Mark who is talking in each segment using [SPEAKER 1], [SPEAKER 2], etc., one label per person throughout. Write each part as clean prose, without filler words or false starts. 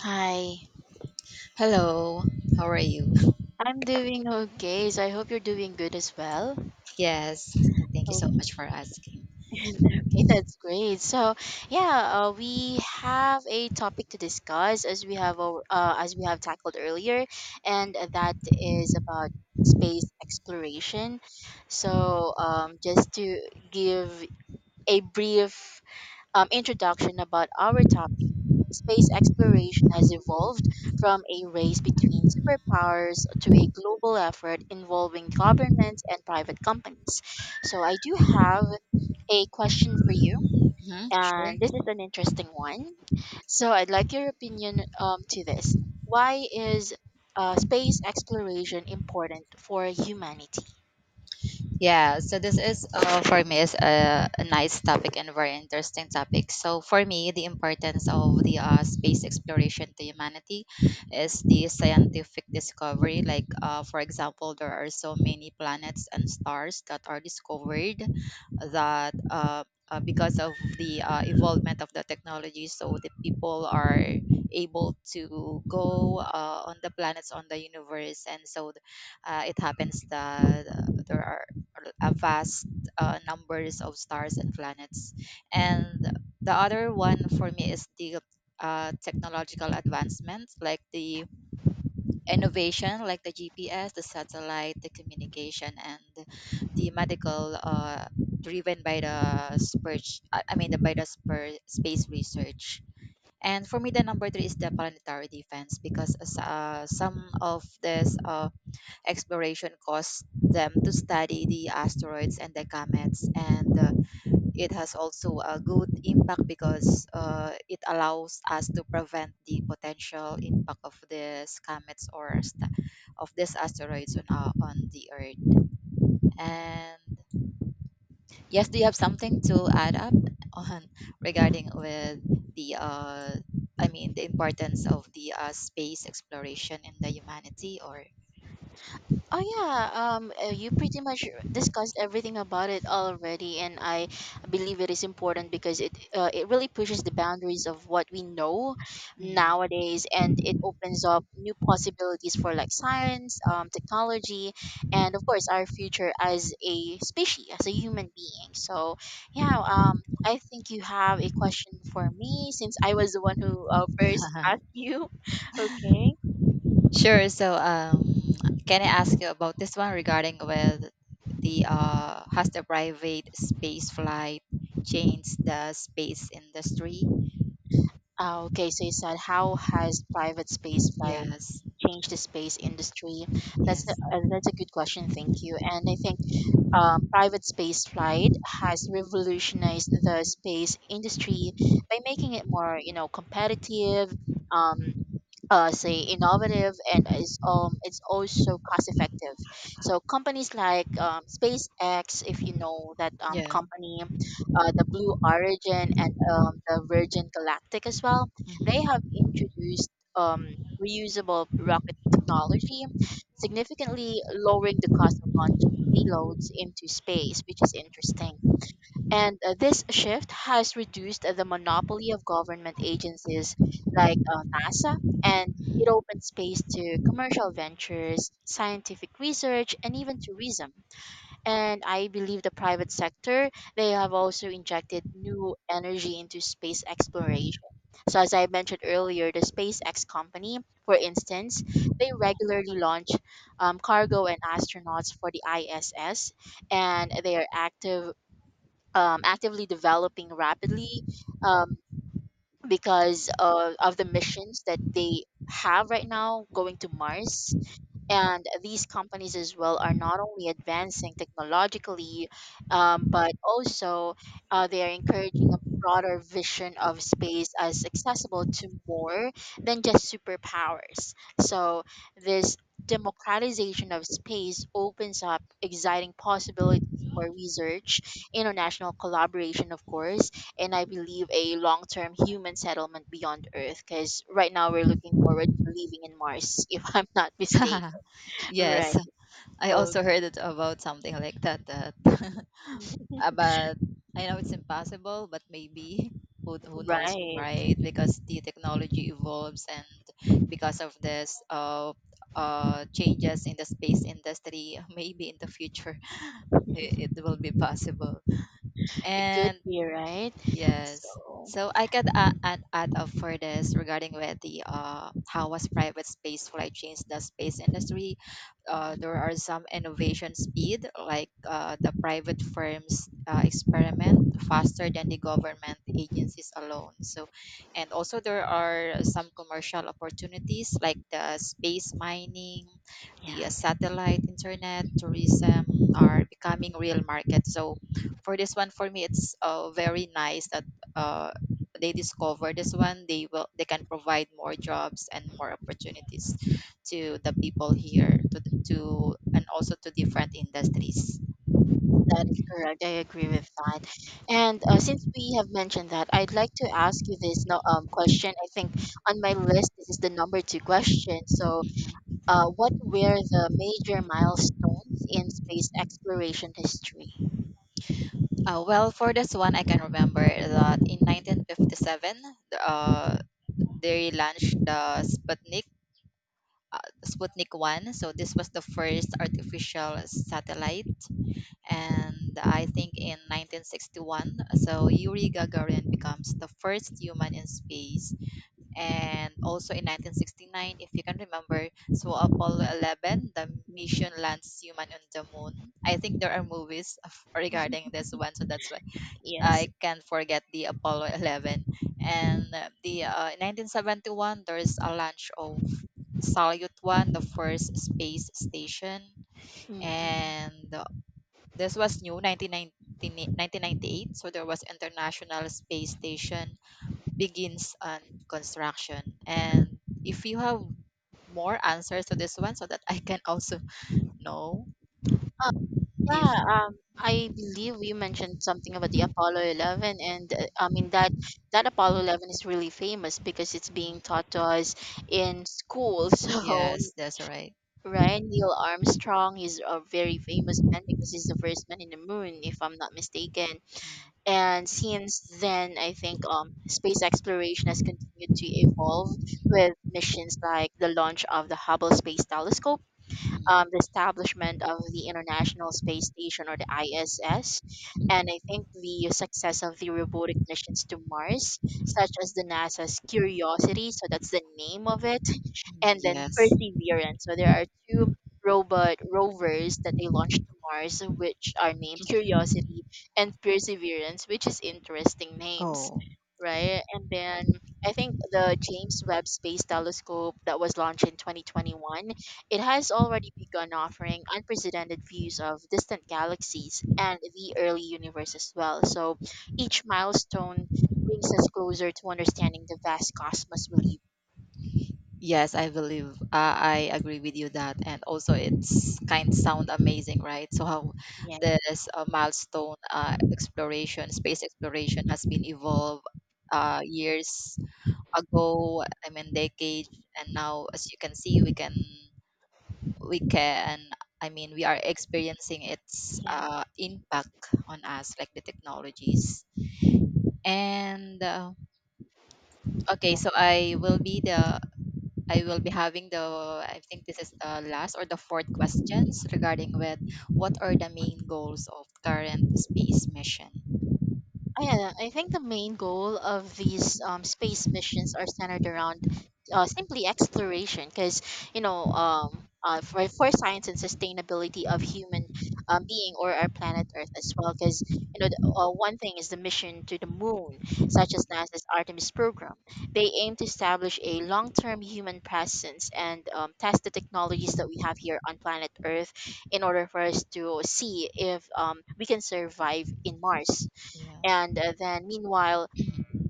[SPEAKER 1] Hi,
[SPEAKER 2] Hello, how are you?
[SPEAKER 1] I'm doing okay. So I hope you're doing good as well.
[SPEAKER 2] Yes, thank you so
[SPEAKER 1] Okay,
[SPEAKER 2] much for asking.
[SPEAKER 1] okay, that's great. Yeah, we have a topic to discuss as we have as we have tackled earlier, and that is about space exploration. Just to give a brief introduction about our topic, space exploration has evolved from a race between superpowers to a global effort involving governments and private companies. So, I do have a question for you,
[SPEAKER 2] Sure.
[SPEAKER 1] and this is an interesting one. So, I'd like your opinion to this. Why is space exploration important for humanity?
[SPEAKER 2] Yeah, so this is for me is a nice topic and very interesting topic. So for me, the importance of the space exploration to humanity is the scientific discovery. Like for example, there are so many planets and stars that are discovered that because of the involvement of the technology, so the people are able to go on the planets on the universe, and so it happens that there are a vast numbers of stars and planets. And the other one for me is the technological advancements, like the innovation, like the GPS, the satellite, the communication, and the medical, driven by the spurge, I mean, the, by the spur, space research. And for me, the number three is the planetary defense because as, some of this exploration caused them to study the asteroids and the comets and it has also a good impact because it allows us to prevent the potential impact of these comets or of these asteroids on the earth and yes, do you have something to add up on regarding with the I mean the importance of the space exploration in the humanity or
[SPEAKER 1] Oh yeah, you pretty much discussed everything about it already, and I believe it is important because it really pushes the boundaries of what we know
[SPEAKER 2] Mm.
[SPEAKER 1] nowadays, and it opens up new possibilities for like science, technology, and of course our future as a species, as a human being. Yeah, um, I think you have a question for me since I was the one who first asked you. Okay.
[SPEAKER 2] Sure. So, can I ask you about this one regarding with the has the private space flight changed the space industry?
[SPEAKER 1] Ah, okay, so you said how has private space flying
[SPEAKER 2] Yes.
[SPEAKER 1] changed the space industry? That's
[SPEAKER 2] Yes.
[SPEAKER 1] that's a good question. Thank you. And I think private space flight has revolutionized the space industry by making it more, you know, competitive. Um, Say innovative and is it's also cost effective. So companies like SpaceX, if you know that
[SPEAKER 2] Yeah.
[SPEAKER 1] company, the Blue Origin and the Virgin Galactic as well, they have
[SPEAKER 2] Mhm.
[SPEAKER 1] introduced um reusable rocket technology, significantly lowering the cost of launching payloads into space, which is interesting. And this shift has reduced the monopoly of government agencies like NASA, and it opens space to commercial ventures, scientific research, and even tourism. And I believe the private sector, they have also injected new energy into space exploration. So, as I mentioned earlier, the SpaceX company, for instance, they regularly launch cargo and astronauts for the ISS, and they are actively developing rapidly um, because of the missions that they have right now going to Mars, and these companies as well are not only advancing technologically, but also they are encouraging a broader vision of space as accessible to more than just superpowers. So this democratization of space opens up exciting possibilities for research, international collaboration, of course, and I believe a long-term human settlement beyond Earth. Because right now we're looking forward to living in Mars, if I'm not mistaken.
[SPEAKER 2] Yes.
[SPEAKER 1] Right.
[SPEAKER 2] I
[SPEAKER 1] Oh,
[SPEAKER 2] also heard it about something like that. That But I know it's impossible, but maybe who knows,
[SPEAKER 1] right.
[SPEAKER 2] right? Because the technology evolves, and because of this, changes in the space industry, maybe in the future it will be possible.
[SPEAKER 1] It could
[SPEAKER 2] And
[SPEAKER 1] be, right?
[SPEAKER 2] yes.
[SPEAKER 1] So,
[SPEAKER 2] So I can add up for this regarding with the how was private space flight changed the space industry. There are some innovation speed like the private firms experiment faster than the government agencies alone. So, and also there are some commercial opportunities like the space mining, the
[SPEAKER 1] yeah,
[SPEAKER 2] satellite internet, tourism are becoming real market. So for this one for me it's very nice that uh, they discover this one they can provide more jobs and more opportunities to the people here to, to and also to different industries.
[SPEAKER 1] that is correct. I agree with that. And since we have mentioned that, I'd like to ask you this no, question. I think on my list, this is the number two question. So,
[SPEAKER 2] Mhm.
[SPEAKER 1] what were the major milestones in space exploration history?
[SPEAKER 2] Uh, well for this one I can remember that in 1957 uh, they launched the sputnik sputnik 1, so this was the first artificial satellite. And I think in 1961, so Yuri Gagarin becomes the first human in space. And also in 1969, if you can remember, so Apollo 11, the mission
[SPEAKER 1] Mm-mm.
[SPEAKER 2] lands human on the moon. I think there are movies of, regarding this one, so that's why
[SPEAKER 1] Yes.
[SPEAKER 2] I can't forget the Apollo 11. And the 1971, there's a launch of Salyut 1, the first space station.
[SPEAKER 1] Mm-mm.
[SPEAKER 2] And this was new, 1998, so there was International Space Station begins on construction. And if you have more answers to this one so that I can also know if
[SPEAKER 1] Yeah, I believe you mentioned something about the Apollo 11, and I mean that Apollo 11 is really famous because it's being
[SPEAKER 2] Mm,
[SPEAKER 1] taught to us in school. So,
[SPEAKER 2] yes, that's right.
[SPEAKER 1] right, Neil Armstrong is a very famous man because he's the first man in the moon, if I'm not mistaken.
[SPEAKER 2] Mm,
[SPEAKER 1] And since then, I think space exploration has continued to evolve with missions like the launch of the Hubble Space Telescope
[SPEAKER 2] mm,
[SPEAKER 1] the establishment of the International Space Station or the ISS. And I think the success of the robotic missions to Mars, such as the NASA's Curiosity, so that's the name of it,
[SPEAKER 2] mm,
[SPEAKER 1] and then
[SPEAKER 2] yes.
[SPEAKER 1] Perseverance. So there are two robot rovers that they launched to Mars, which are named Curiosity and Perseverance, which is interesting names,
[SPEAKER 2] Oh.
[SPEAKER 1] right? And then I think the James Webb Space Telescope that was launched in 2021, it has already begun offering unprecedented views of distant galaxies and the early universe as well. So each milestone brings us closer to understanding the vast cosmos we live.
[SPEAKER 2] Yes, I believe. I agree with you that, and also it's kind sound amazing, right? So how
[SPEAKER 1] Yeah,
[SPEAKER 2] this milestone exploration, space exploration, has been evolved years ago. I mean, decades, and now, as you can see, we can. I mean, we are experiencing its
[SPEAKER 1] yeah,
[SPEAKER 2] impact on us, like the technologies. And okay,
[SPEAKER 1] yeah.
[SPEAKER 2] so I will be having the, I think this is the last or the fourth questions regarding with what are the main goals of current space mission.
[SPEAKER 1] Yeah, I think the main goal of these space missions are centered around simply exploration, because you know, for science and sustainability of human being or our planet Earth as well. Because you know, one thing is the mission to the moon, such as NASA's Artemis program. They aim to establish a long-term human presence and test the technologies that we have here on planet Earth in order for us to see if we can survive in Mars
[SPEAKER 2] Yeah.
[SPEAKER 1] and then, meanwhile,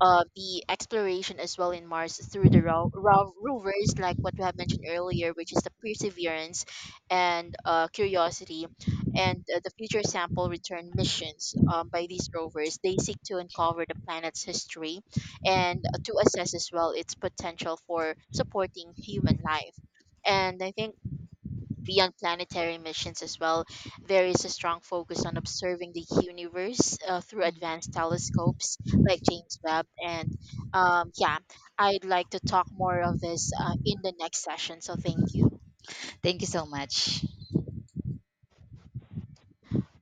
[SPEAKER 1] the exploration as well in Mars through the rovers, like what we have mentioned earlier, which is the Perseverance and Curiosity, and the Future Sample Return missions by these rovers, they seek to uncover the planet's history and to assess as well its potential for supporting human life. And I think beyond planetary missions as well, there is a strong focus on observing the universe through
[SPEAKER 2] Mm.
[SPEAKER 1] advanced telescopes like James Webb. Um, yeah, I'd like to talk more of this in the next session. So thank you.
[SPEAKER 2] Thank you so much.